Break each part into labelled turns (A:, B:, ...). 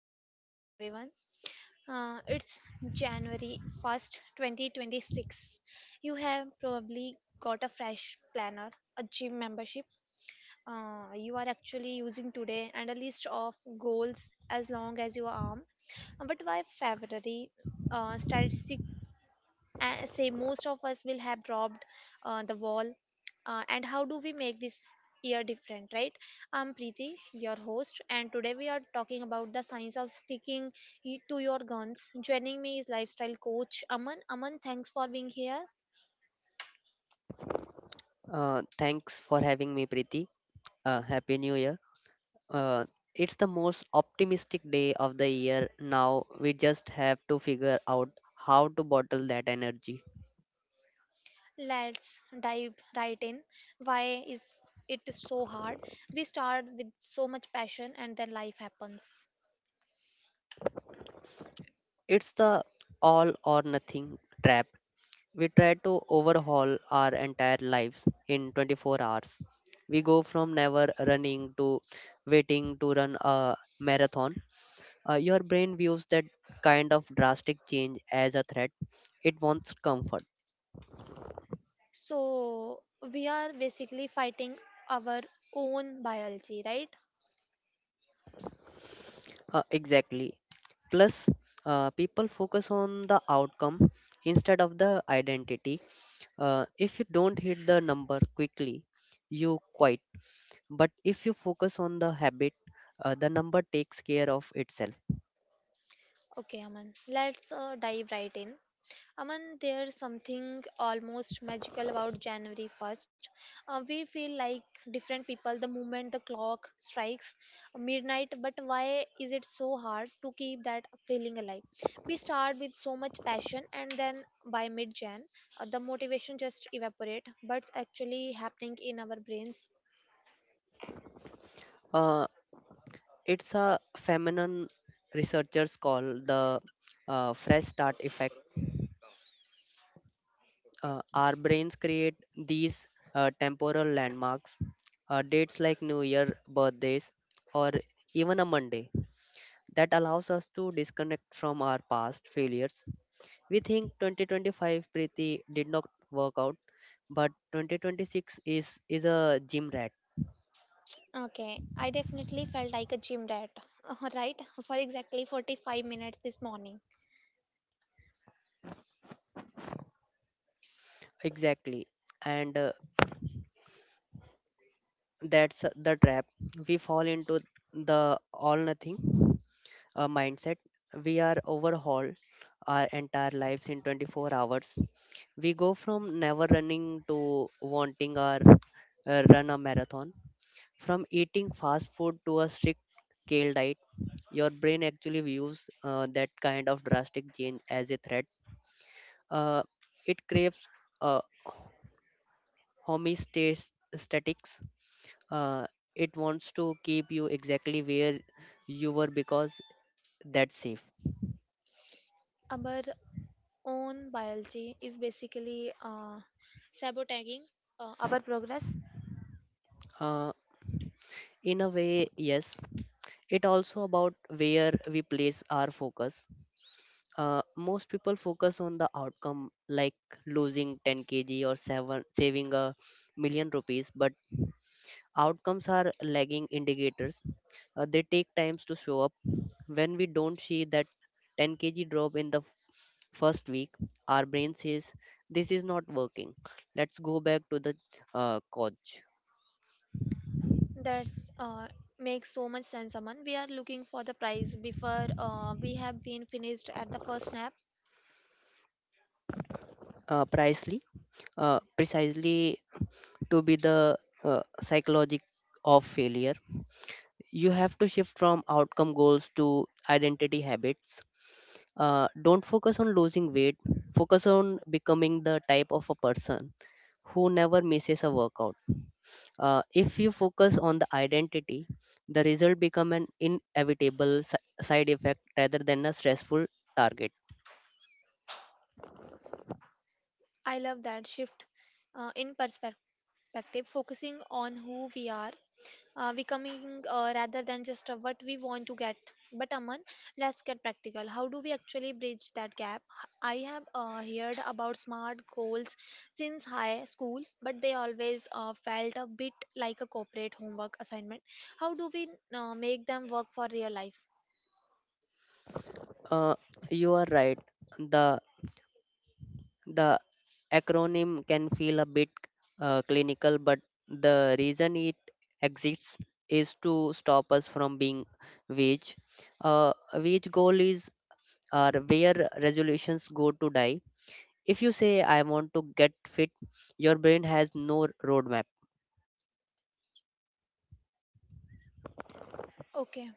A: Happy New Year, everyone. It's January 1st, 2026. You have probably got a fresh planner, a gym membership you are actually using today, and a list of goals as long as your arm. But by February, statistics say most of us will have dropped the wall and how do we make this year different, right? I'm Preeti, your host, and today we are talking about the science of sticking to your guns. Joining me is lifestyle coach Aman. Aman, thanks for being here.
B: Thanks for having me, Preeti. Happy New Year. Uh, it's the most optimistic day of the year now. We just have to figure out how to bottle that energy.
A: Let's dive right in. Why is it so hard? We start with so much passion and then life happens.
B: It's the all or nothing trap. We try to overhaul our entire lives in 24 hours. We go from never running to waiting to run a marathon. Your brain views that kind of drastic change as a threat. It wants comfort.
A: So we are basically fighting our own biology, right?
B: Exactly. Plus, people focus on the outcome instead of the identity. If you don't hit the number quickly, you quit. But if you focus on the habit, the number takes care of itself.
A: Okay, Aman. Let's dive right in. Aman, there's something almost magical about January 1st. We feel like different people the moment the clock strikes midnight, but why is it so hard to keep that feeling alive? We start with so much passion, and then by mid Jan, the motivation just evaporate. But it's actually happening in our brains.
B: Uh, it's a phenomenon researchers call the fresh start effect. Our brains create these temporal landmarks, dates like New Year, birthdays, or even a Monday that allows us to disconnect from our past failures. We think 2025 Preeti did not work out, but 2026 is a gym rat.
A: Okay, I definitely felt like a gym rat, right? For exactly 45 minutes this morning.
B: Exactly. And that's the trap. We fall into the all nothing mindset. We are overhaul our entire lives in 24 hours. We go from never running to wanting our run a marathon, from eating fast food to a strict kale diet. Your brain actually views that kind of drastic change as a threat. Uh, it craves uh, homeostatics. Uh, it wants to keep you exactly where you were because that's safe.
A: Aber own biology is basically sabotaging our progress.
B: Uh, in a way, yes. It also about where we place our focus. Most people focus on the outcome, like losing 10 kg or seven, saving a million rupees, but outcomes are lagging indicators. They take times to show up. When we don't see that 10 kg drop in the first week, our brain says, "This is not working. Let's go back to the coach."
A: That's makes so much sense, Aman. We are looking for the prize before we have been finished at the first snap.
B: Precisely, precisely to be the psychologic of failure, you have to shift from outcome goals to identity habits. Don't focus on losing weight, focus on becoming the type of a person who never misses a workout. If you focus on the identity, the result become an inevitable side effect rather than a stressful target.
A: I love that shift in perspective, focusing on who we are becoming rather than just what we want to get. But Aman, let's get practical. How do we actually bridge that gap? I have heard about smart goals since high school, but they always felt a bit like a corporate homework assignment. How do we make them work for real life?
B: Uh, you are right. The the acronym can feel a bit clinical, but the reason it exists is to stop us from being vague. Vague goal is are where resolutions go to die. If you say, "I want to get fit," your brain has no roadmap.
A: Okay,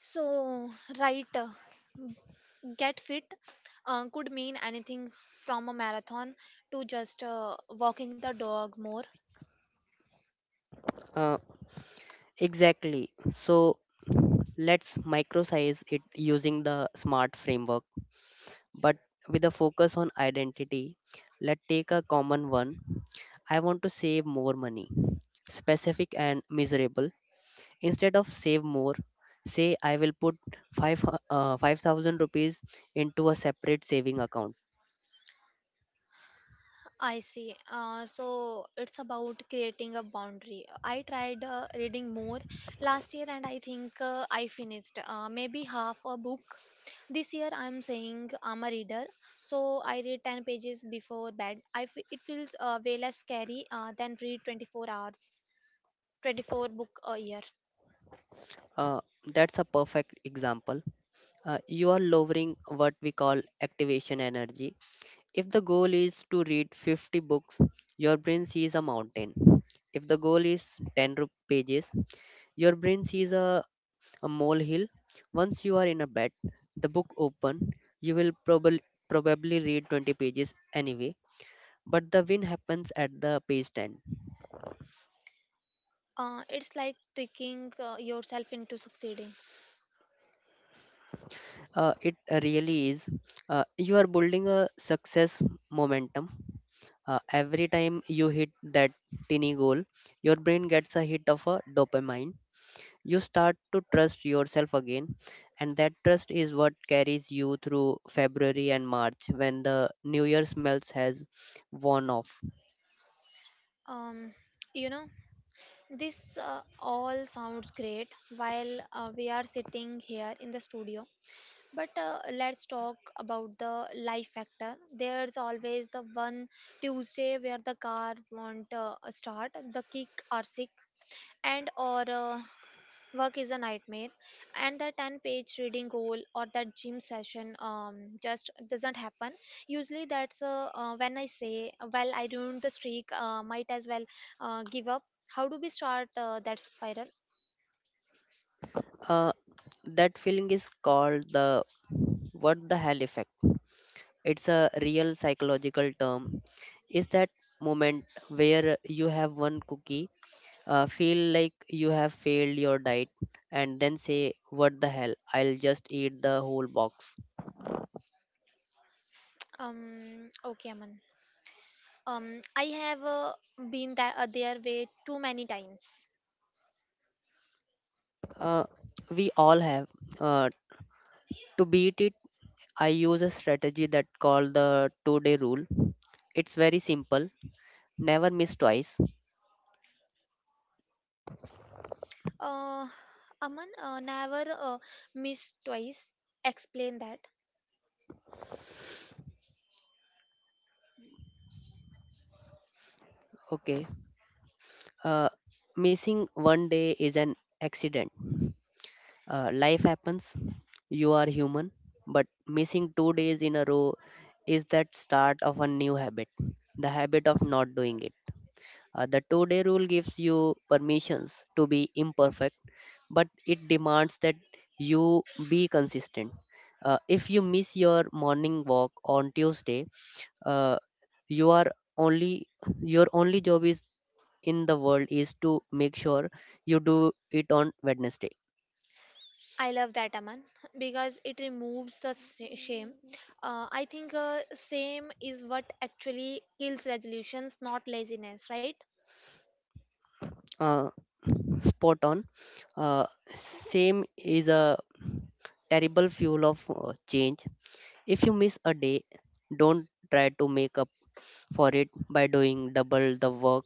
A: so right, get fit could mean anything from a marathon to just walking the dog more.
B: Uh, exactly. So let's microsize it using the SMART framework, but with a focus on identity. Let's take a common one. I want to save more money, specific and miserable. Instead of save more, say I will put 5 uh, 5,000 rupees into a separate saving account.
A: I see. So it's about creating a boundary. I tried reading more last year and I think I finished maybe half a book. This year I'm saying I'm a reader, so I read 10 pages before bed. It feels way less scary than read 24 hours, 24 book a year.
B: Uh, that's a perfect example. You are lowering what we call activation energy. If the goal is to read 50 books, your brain sees a mountain. If the goal is 10 pages, your brain sees a molehill. Once you are in a bed, the book open, you will probably read 20 pages anyway. But the win happens at the page 10.
A: It's like tricking yourself into succeeding.
B: It really is. You are building a success momentum. Every time you hit that tiny goal, your brain gets a hit of a dopamine. You start to trust yourself again, and that trust is what carries you through February and March when the New Year smells has worn off.
A: Um, you know. This all sounds great while we are sitting here in the studio, but let's talk about the life factor. There's always the one Tuesday where the car won't start, the kick or sick, and or work is a nightmare, and the 10-page reading goal or that gym session just doesn't happen. Usually, that's when I say, "Well, I ruined the streak, might as well give up." How do we start that spiral?
B: Uh, that feeling is called the what the hell effect. It's a real psychological term. Is that moment where you have one cookie, feel like you have failed your diet, and then say, what the hell, I'll just eat the whole box.
A: Okay, Aman. I have been that, there way too many times.
B: uh, we all have uh, to beat it. I use a strategy that called the 2-day rule. It's very simple: never miss twice.
A: Uh, Aman, never miss twice. Explain that.
B: Okay. uh, Missing one day is an accident. Life happens. You are human. But missing 2 days in a row is that start of a new habit, the habit of not doing it. The 2-day rule gives you permissions to be imperfect, but it demands that you be consistent. If you miss your morning walk on Tuesday, uh, you are only your only job is in the world is to make sure you do it on Wednesday.
A: I love that, Aman, because it removes the shame. I think shame is what actually kills resolutions, not laziness, right?
B: Uh, Spot on. Uh, Same is a terrible fuel of change. If you miss a day, don't try to make up for it by doing double the work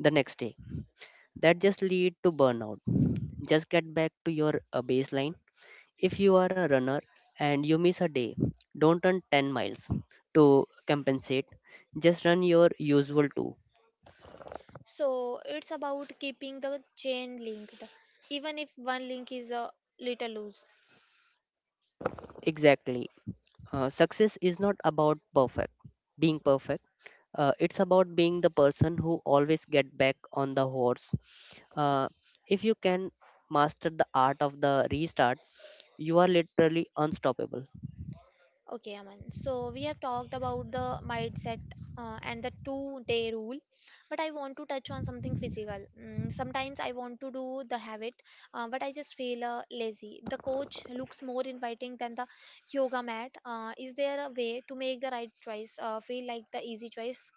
B: the next day. That just lead to burnout. Just get back to your baseline. If you are a runner and you miss a day, don't run 10 miles to compensate. Just run your usual two.
A: So it's about keeping the chain linked, even if one link is a little loose.
B: Exactly. Success is not about perfect being perfect. It's about being the person who always get back on the horse. Uh, if you can master the art of the restart, you are literally unstoppable.
A: Okay, Aman. So we have talked about the mindset and the two-day rule, but I want to touch on something physical. Mm, sometimes I want to do the habit, but I just feel lazy. The coach looks more inviting than the yoga mat. Is there a way to make the right choice feel like the easy choice?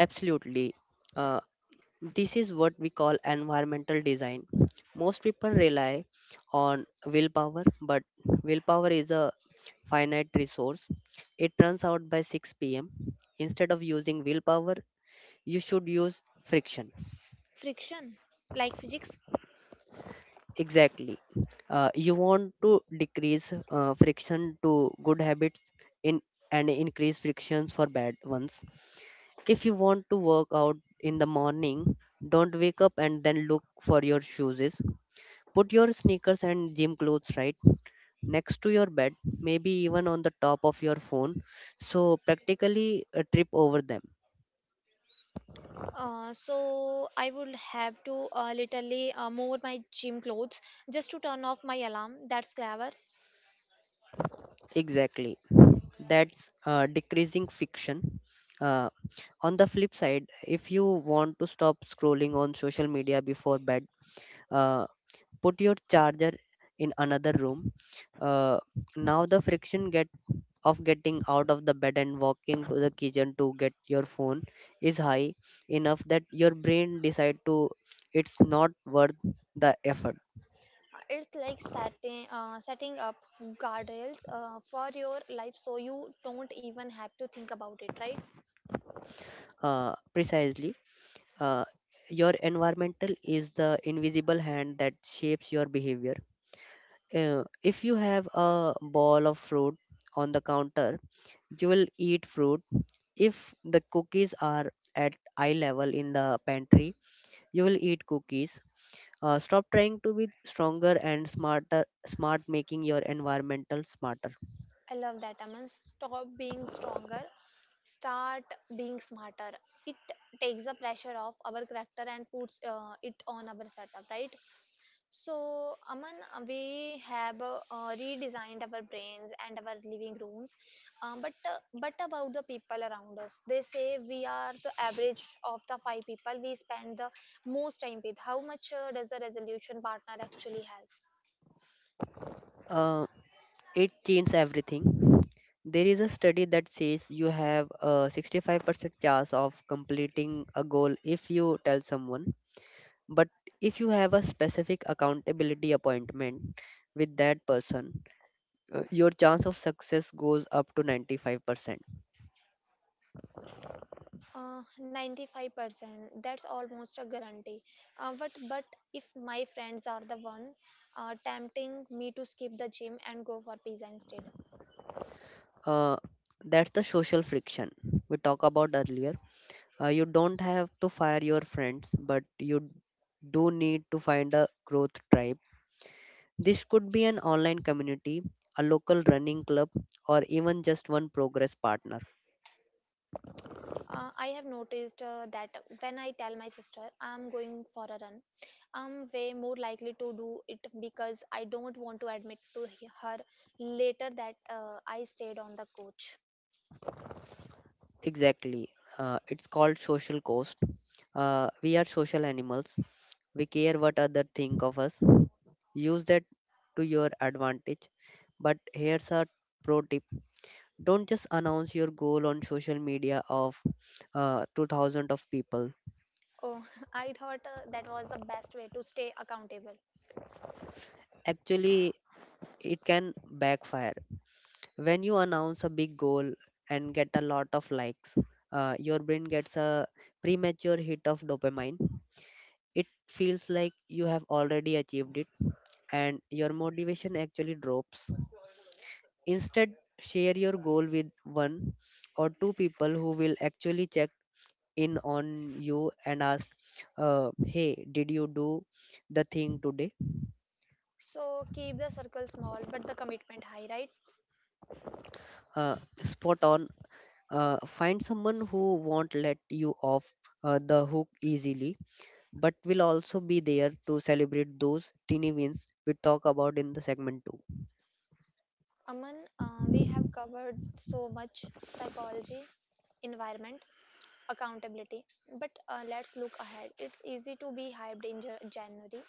B: Absolutely. Uh, this is what we call environmental design. Most people rely on willpower, but willpower is a finite resource. It runs out by 6 pm. Instead of using willpower, you should use friction.
A: Friction, like physics.
B: Exactly. You want to decrease friction to good habits in and increase frictions for bad ones. If you want to work out in the morning, don't wake up and then look for your shoes. Put your sneakers and gym clothes right next to your bed, maybe even on the top of your phone, so practically a trip over them.
A: So I would have to literally move my gym clothes just to turn off my alarm. That's clever.
B: Exactly. That's decreasing fiction. Uh, on the flip side, if you want to stop scrolling on social media before bed, uh, put your charger in another room. Uh, Now the friction gets of getting out of the bed and walking to the kitchen to get your phone is high enough that your brain decide to it's not worth the effort.
A: It's like setting up guardrails for your life so you don't even have to think about it, right?
B: Precisely. uh, your environmental is the invisible hand that shapes your behavior. If you have a ball of fruit on the counter, you will eat fruit. If the cookies are at eye level in the pantry, you will eat cookies. Stop trying to be stronger and smarter, smart making your environmental smarter.
A: I love that, Aman. Stop being stronger, start being smarter. It takes the pressure off our character and puts it on our setup, right? So, Aman, we have redesigned our brains and our living rooms. But about the people around us, they say we are the average of the five people we spend the most time with. How much does a resolution partner actually help?
B: Uh, it changes everything. There is a study that says you have a 65% chance of completing a goal if you tell someone. But if you have a specific accountability appointment with that person, your chance of success goes up to 95%.
A: 95%. That's almost a guarantee. But if my friends are the one tempting me to skip the gym and go for pizza instead,
B: Uh, that's the social friction we talked about earlier. You don't have to fire your friends, but you do need to find a growth tribe. This could be an online community, a local running club, or even just one progress partner.
A: I have noticed that when I tell my sister I'm going for a run, I'm way more likely to do it because I don't want to admit to her later that I stayed on the coach.
B: Exactly. It's called social cost. We are social animals. We care what other think of us. Use that to your advantage. But here's a pro tip. Don't just announce your goal on social media of 2000 of people.
A: Oh, I thought that was the best way to stay accountable.
B: Actually, it can backfire. When you announce a big goal and get a lot of likes, your brain gets a premature hit of dopamine. It feels like you have already achieved it, and your motivation actually drops. Instead, share your goal with one or two people who will actually check in on you and ask, hey, did you do the thing today?
A: So keep the circle small but the commitment high, right?
B: uh, Spot on. Find someone who won't let you off the hook easily, but will also be there to celebrate those teeny wins we talk about in the segment 2.
A: Aman, we have covered so much psychology, environment, accountability, but let's look ahead. It's easy to be hyped in January,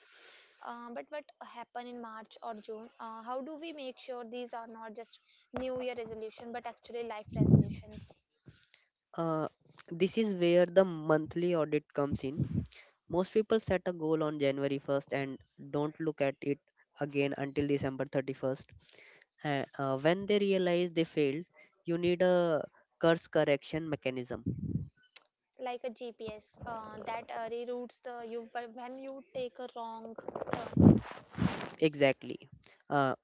A: but what happen in March or June? How do we make sure these are not just New Year resolution, but actually life resolutions?
B: uh, this is where the monthly audit comes in. Most people set a goal on January 1st and don't look at it again until December 31st, when they realize they failed. You need a course correction mechanism.
A: Like a GPS that reroutes the you but when you take a wrong turn.
B: Exactly. Uh,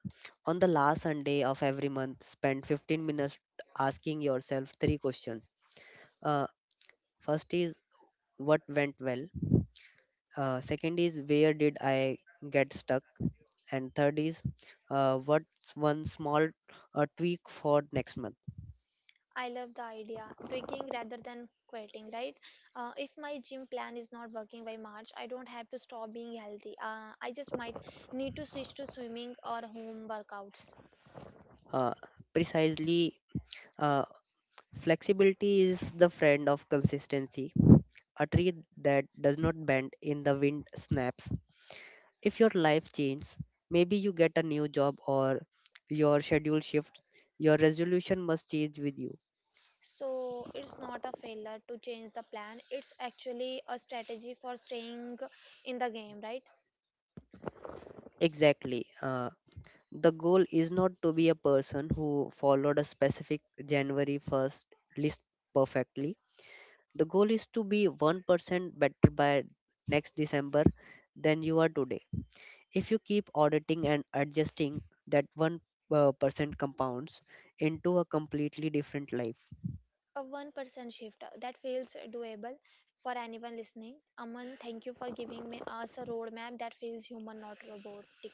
B: On the last Sunday of every month, spend 15 minutes asking yourself three questions. Uh, First is what went well. Second is where did I get stuck, and third is, what's one small tweak for next month.
A: I love the idea. Tweaking rather than quitting, right? If my gym plan is not working by March, I don't have to stop being healthy. I just might need to switch to swimming or home workouts.
B: Uh, Precisely, uh, flexibility is the friend of consistency. A tree that does not bend in the wind snaps. If your life changes, maybe you get a new job or your schedule shifts, your resolution must change with you.
A: So it's not a failure to change the plan. It's actually a strategy for staying in the game, right?
B: Exactly. The goal is not to be a person who followed a specific January 1st list perfectly. The goal is to be 1% better by next December than you are today. If you keep auditing and adjusting, that 1% compounds into a completely different life.
A: A 1% shift that feels doable for anyone listening. Aman, thank you for giving me us a roadmap that feels human, not robotic.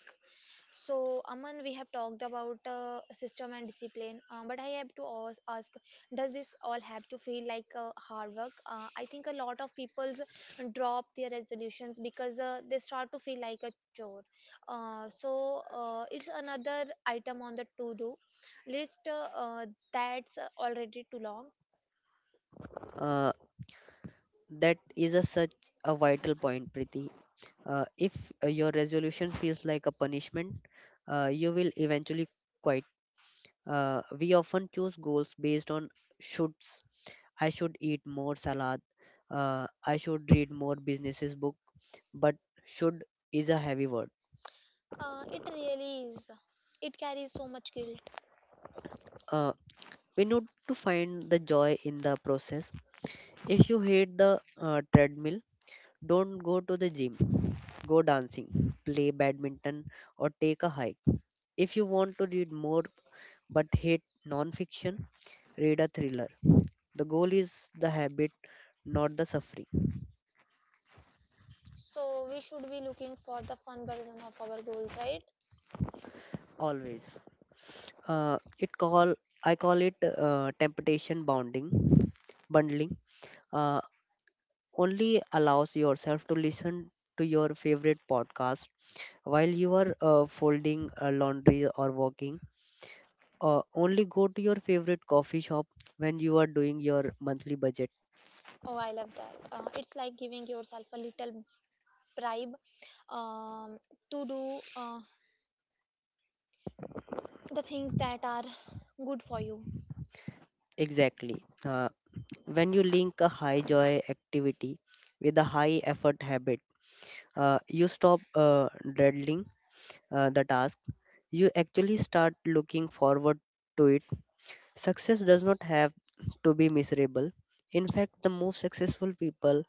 A: So, Aman, we have talked about system and discipline, but I have to ask, does this all have to feel like hard work? I think a lot of people drop their resolutions because they start to feel like a chore. It's another item on the to-do list that's already too long.
B: Uh, That is a such a vital point, Priti. If your resolution feels like a punishment, you will eventually quit. We often choose goals based on shoulds. I should eat more salad. I should read more businesses book. But should is a heavy word.
A: It really is. It carries so much guilt.
B: Uh, we need to find the joy in the process. If you hate the treadmill, don't go to the gym. Go dancing, play badminton, or take a hike. If you want to read more but hate non-fiction, read a thriller. The goal is the habit, not the suffering.
A: So, we should be looking for the fun version of our goals, right?
B: Always. It call I call it temptation bundling. Uh, Only allows yourself to listen to your favorite podcast while you are folding laundry or walking, only go to your favorite coffee shop when you are doing your monthly budget.
A: Oh, I love that. It's like giving yourself a little bribe um, to do the things that are good for you.
B: Exactly. When you link a high joy activity with a high effort habit, you stop dreading the task. You actually start looking forward to it. Success does not have to be miserable. In fact, the most successful people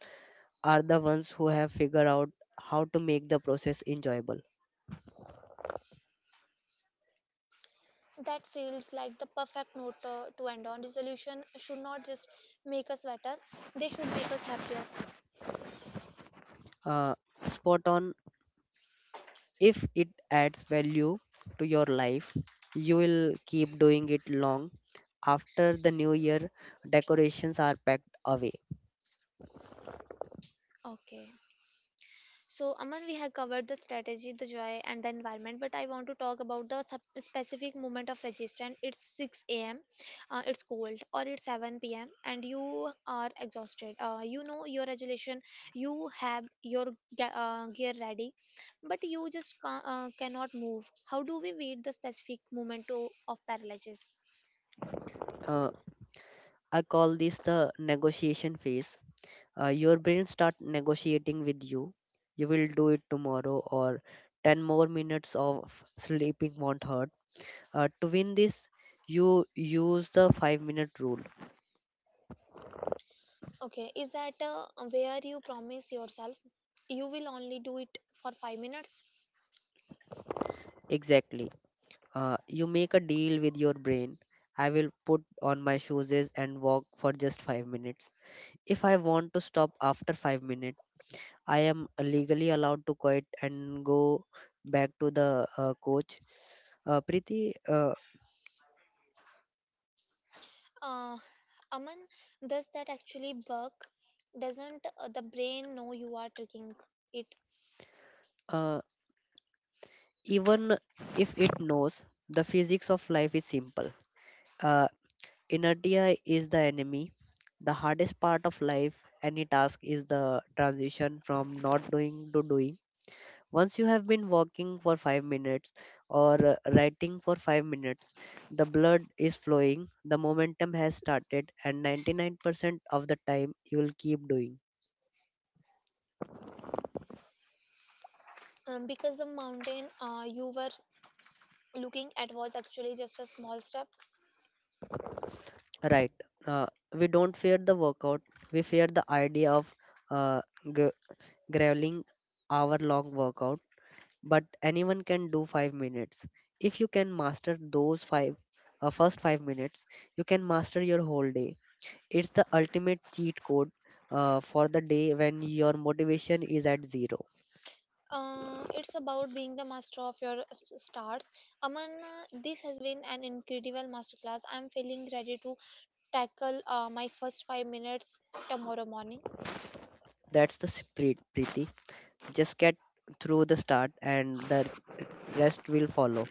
B: are the ones who have figured out how to make the process enjoyable.
A: That feels like the perfect note to end on. Resolution should not just make us better, they should make us happier.
B: Uh, Spot on. If it adds value to your life, you will keep doing it long after the new year decorations are packed away.
A: Okay. So, Aman, we have covered the strategy, the joy, and the environment, but I want to talk about the specific moment of resistance. It's 6 a.m., it's cold, or it's 7 p.m., and you are exhausted. You know your regulation, you have your gear ready, but you just cannot move. How do we beat the specific moment to, of paralysis?
B: Uh, I call this the negotiation phase. Your brain start negotiating with you. You will do it tomorrow, or 10 more minutes of sleeping won't hurt. To win this, you use the 5-minute rule.
A: Okay, is that where you promise yourself you will only do it for 5 minutes?
B: Exactly. You make a deal with your brain. I will put on my shoes and walk for just 5 minutes. If I want to stop after 5 minutes, I am legally allowed to quit and go back to the coach. Uh, Preeti, uh,
A: Uh, Aman, does that actually work? Doesn't the brain know you are tricking it?
B: uh, Even if it knows, the physics of life is simple. Uh, Inertia is the enemy. The hardest part of life, any task, is the transition from not doing to doing. Once you have been walking for 5 minutes or writing for 5 minutes, the blood is flowing, the momentum has started, and 99% of the time you will keep doing.
A: Because the mountain you were looking at was actually just a small step.
B: Right. Uh, we don't fear the workout, we fear the idea of uh, g- graveling hour long workout, but anyone can do 5 minutes. If you can master those five, first 5 minutes, you can master your whole day. It's the ultimate cheat code for the day when your motivation is at zero.
A: It's about being the master of your stars. Aman, this has been an incredible masterclass. I'm feeling ready to tackle my first 5 minutes tomorrow morning.
B: That's the spirit, Preeti. Just get through the start and the rest will follow.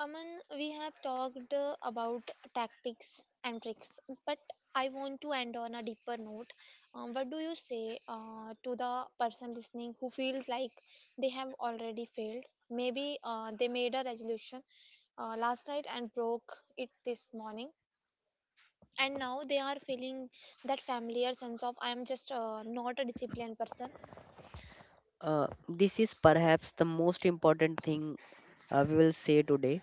A: Aman, we have talked about tactics and tricks, but I want to end on a deeper note. What do you say to the person listening who feels like they have already failed? Maybe they made a resolution last night and broke it this morning, and now they are feeling that familiar sense of I am just not a disciplined person.
B: This is perhaps the most important thing we will say today.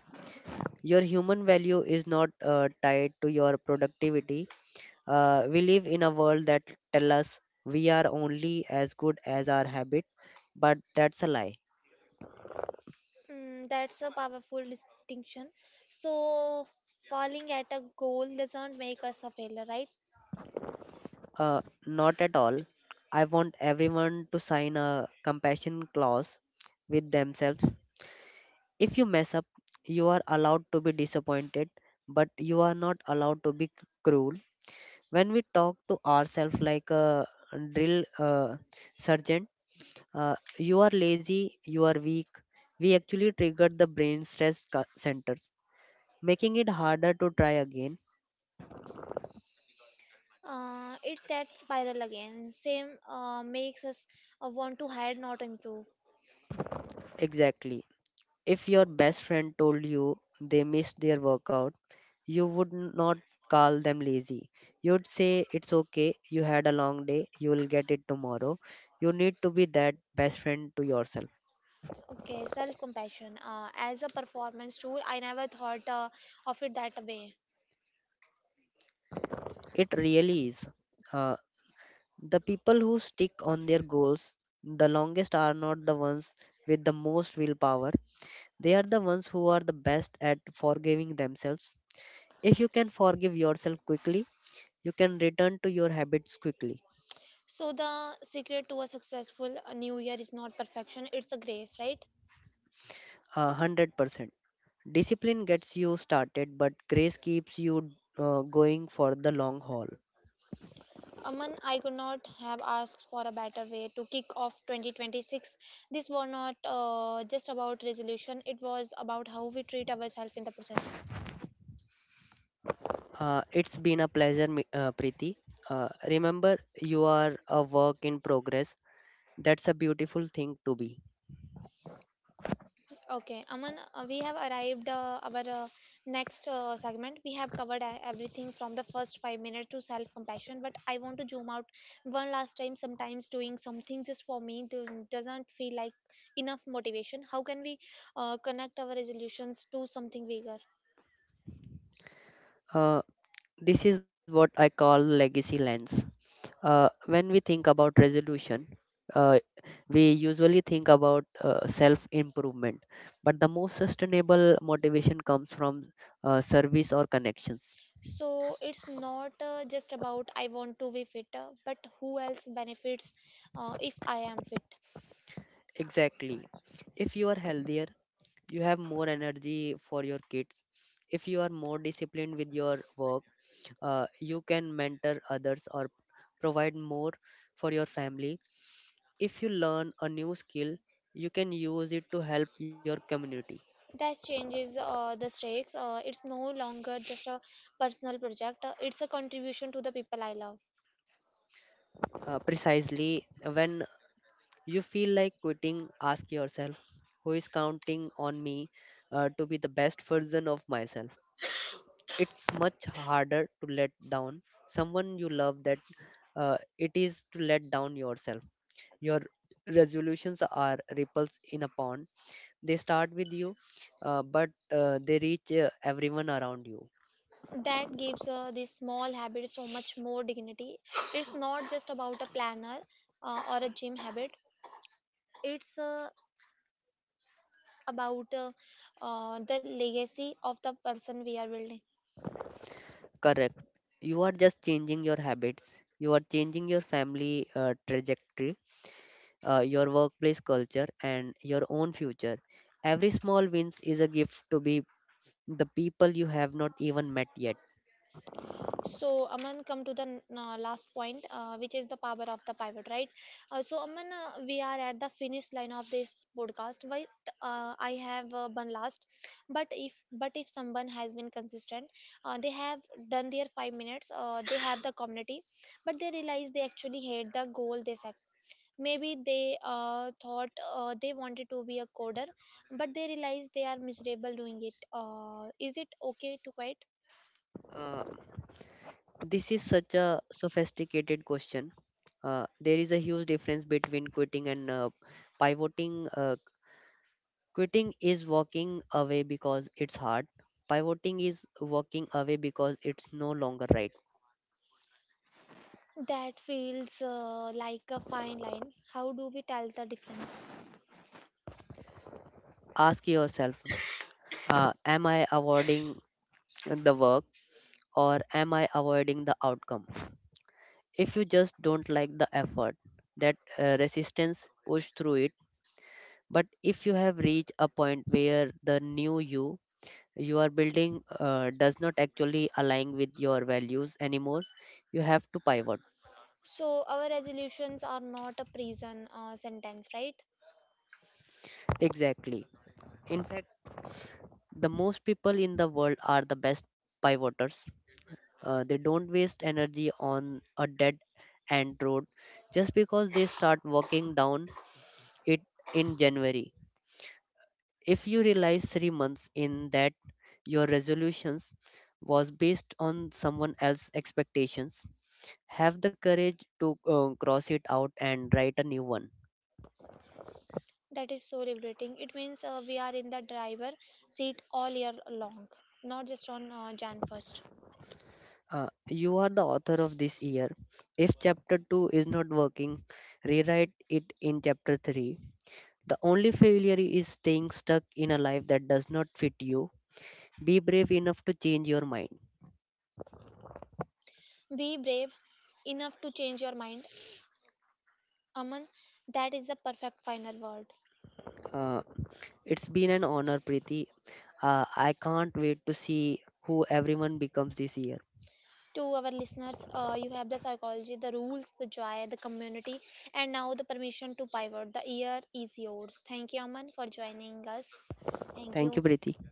B: Your human value is not tied to your productivity. We live in a world that tell us we are only as good as our habit, but that's a lie.
A: Mm, that's a powerful distinction. So, falling at a goal doesn't make us a failure, right?
B: Not at all. I want everyone to sign a compassion clause with themselves. If you mess up, you are allowed to be disappointed, but you are not allowed to be cruel. When we talk to ourselves like a drill sergeant, you are lazy, you are weak, we actually trigger the brain stress centers, making it harder to try again.
A: It's that spiral again. Same makes us want to hide, not improve.
B: Exactly. If your best friend told you they missed their workout, you would not call them lazy. You'd say, "It's okay, you had a long day, you will get it tomorrow." You need to be that best friend to yourself.
A: Okay, self compassion. As a performance tool, I never thought of it that way.
B: It really is. Uh, the people who stick on their goals the longest are not the ones with the most willpower. They are the ones who are the best at forgiving themselves. If you can forgive yourself quickly, you can return to your habits quickly.
A: So, the secret to a successful new year is not perfection, it's a grace, right?
B: 100%. Discipline gets you started, but grace keeps you going for the long haul.
A: Aman, I could not have asked for a better way to kick off 2026. This was not just about resolution, it was about how we treat ourselves in the process.
B: It's been a pleasure, Preeti. Remember, you are a work in progress. That's a beautiful thing to be.
A: Okay, Aman, we have arrived our next segment. We have covered everything from the first 5 minutes to self-compassion, but I want to zoom out one last time. Sometimes doing something just for me doesn't feel like enough motivation. How can we connect our resolutions to something bigger?
B: Uh, this is what I call legacy lens. When we think about resolution, uh, we usually think about self improvement, but the most sustainable motivation comes from service or connections.
A: So it's not just about I want to be fitter, but who else benefits if I am fit?
B: Exactly. If you are healthier, you have more energy for your kids. If you are more disciplined with your work, you can mentor others or provide more for your family. If you learn a new skill, you can use it to help your community.
A: That changes the stakes. It's no longer just a personal project, it's a contribution to the people I love.
B: Precisely, when you feel like quitting, ask yourself, who is counting on me to be the best version of myself? It's much harder to let down someone you love that it is to let down yourself. Your resolutions are ripples in a pond. They start with you, but they reach everyone around you.
A: That gives this small habit so much more dignity. It's not just about a planner or a gym habit, it's about the legacy of the person we are building.
B: Correct. You are just changing your habits, you are changing your family trajectory, your workplace culture and your own future. Every small wins is a gift to be the people you have not even met yet.
A: So, Aman, come to the last point, which is the power of the pivot, right? So, Aman, we are at the finish line of this podcast, but I have one last. But if someone has been consistent, they have done their 5 minutes, they have the community, but they realize they actually hate the goal they set. Maybe they thought they wanted to be a coder, but they realize they are miserable doing it. Is it okay to quit?
B: uh, This is such a sophisticated question. There is a huge difference between quitting and pivoting. Quitting is walking away because it's hard. Pivoting is walking away because it's no longer right.
A: That feels like a fine line. How do we tell the difference?
B: Ask yourself, am I avoiding the work or am I avoiding the outcome? If you just don't like the effort, that resistance, push through it. But if you have reached a point where the new you are building does not actually align with your values anymore, you have to pivot.
A: So, our resolutions are not a prison sentence, right?
B: Exactly. In fact, the most people in the world are the best pivoters. They don't waste energy on a dead end road just because they start walking down it in January. If you realize 3 months in that your resolutions was based on someone else's expectations, have the courage to cross it out and write a new one.
A: That is so liberating. It means we are in the driver seat all year long, not just on Jan 1st.
B: You are the author of this year. If chapter 2 is not working, rewrite it in chapter 3. The only failure is staying stuck in a life that does not fit you. Be brave enough to change your mind.
A: Be brave enough to change your mind. Aman, that is the perfect final word.
B: Uh, it's been an honor, Preeti. I can't wait to see who everyone becomes this year.
A: To our listeners. You have the psychology, the rules, the joy, the community, and now the permission to pivot. The year is yours. Thank you, Aman, for joining us. Thank
B: Thank
A: you
B: you, Preeti.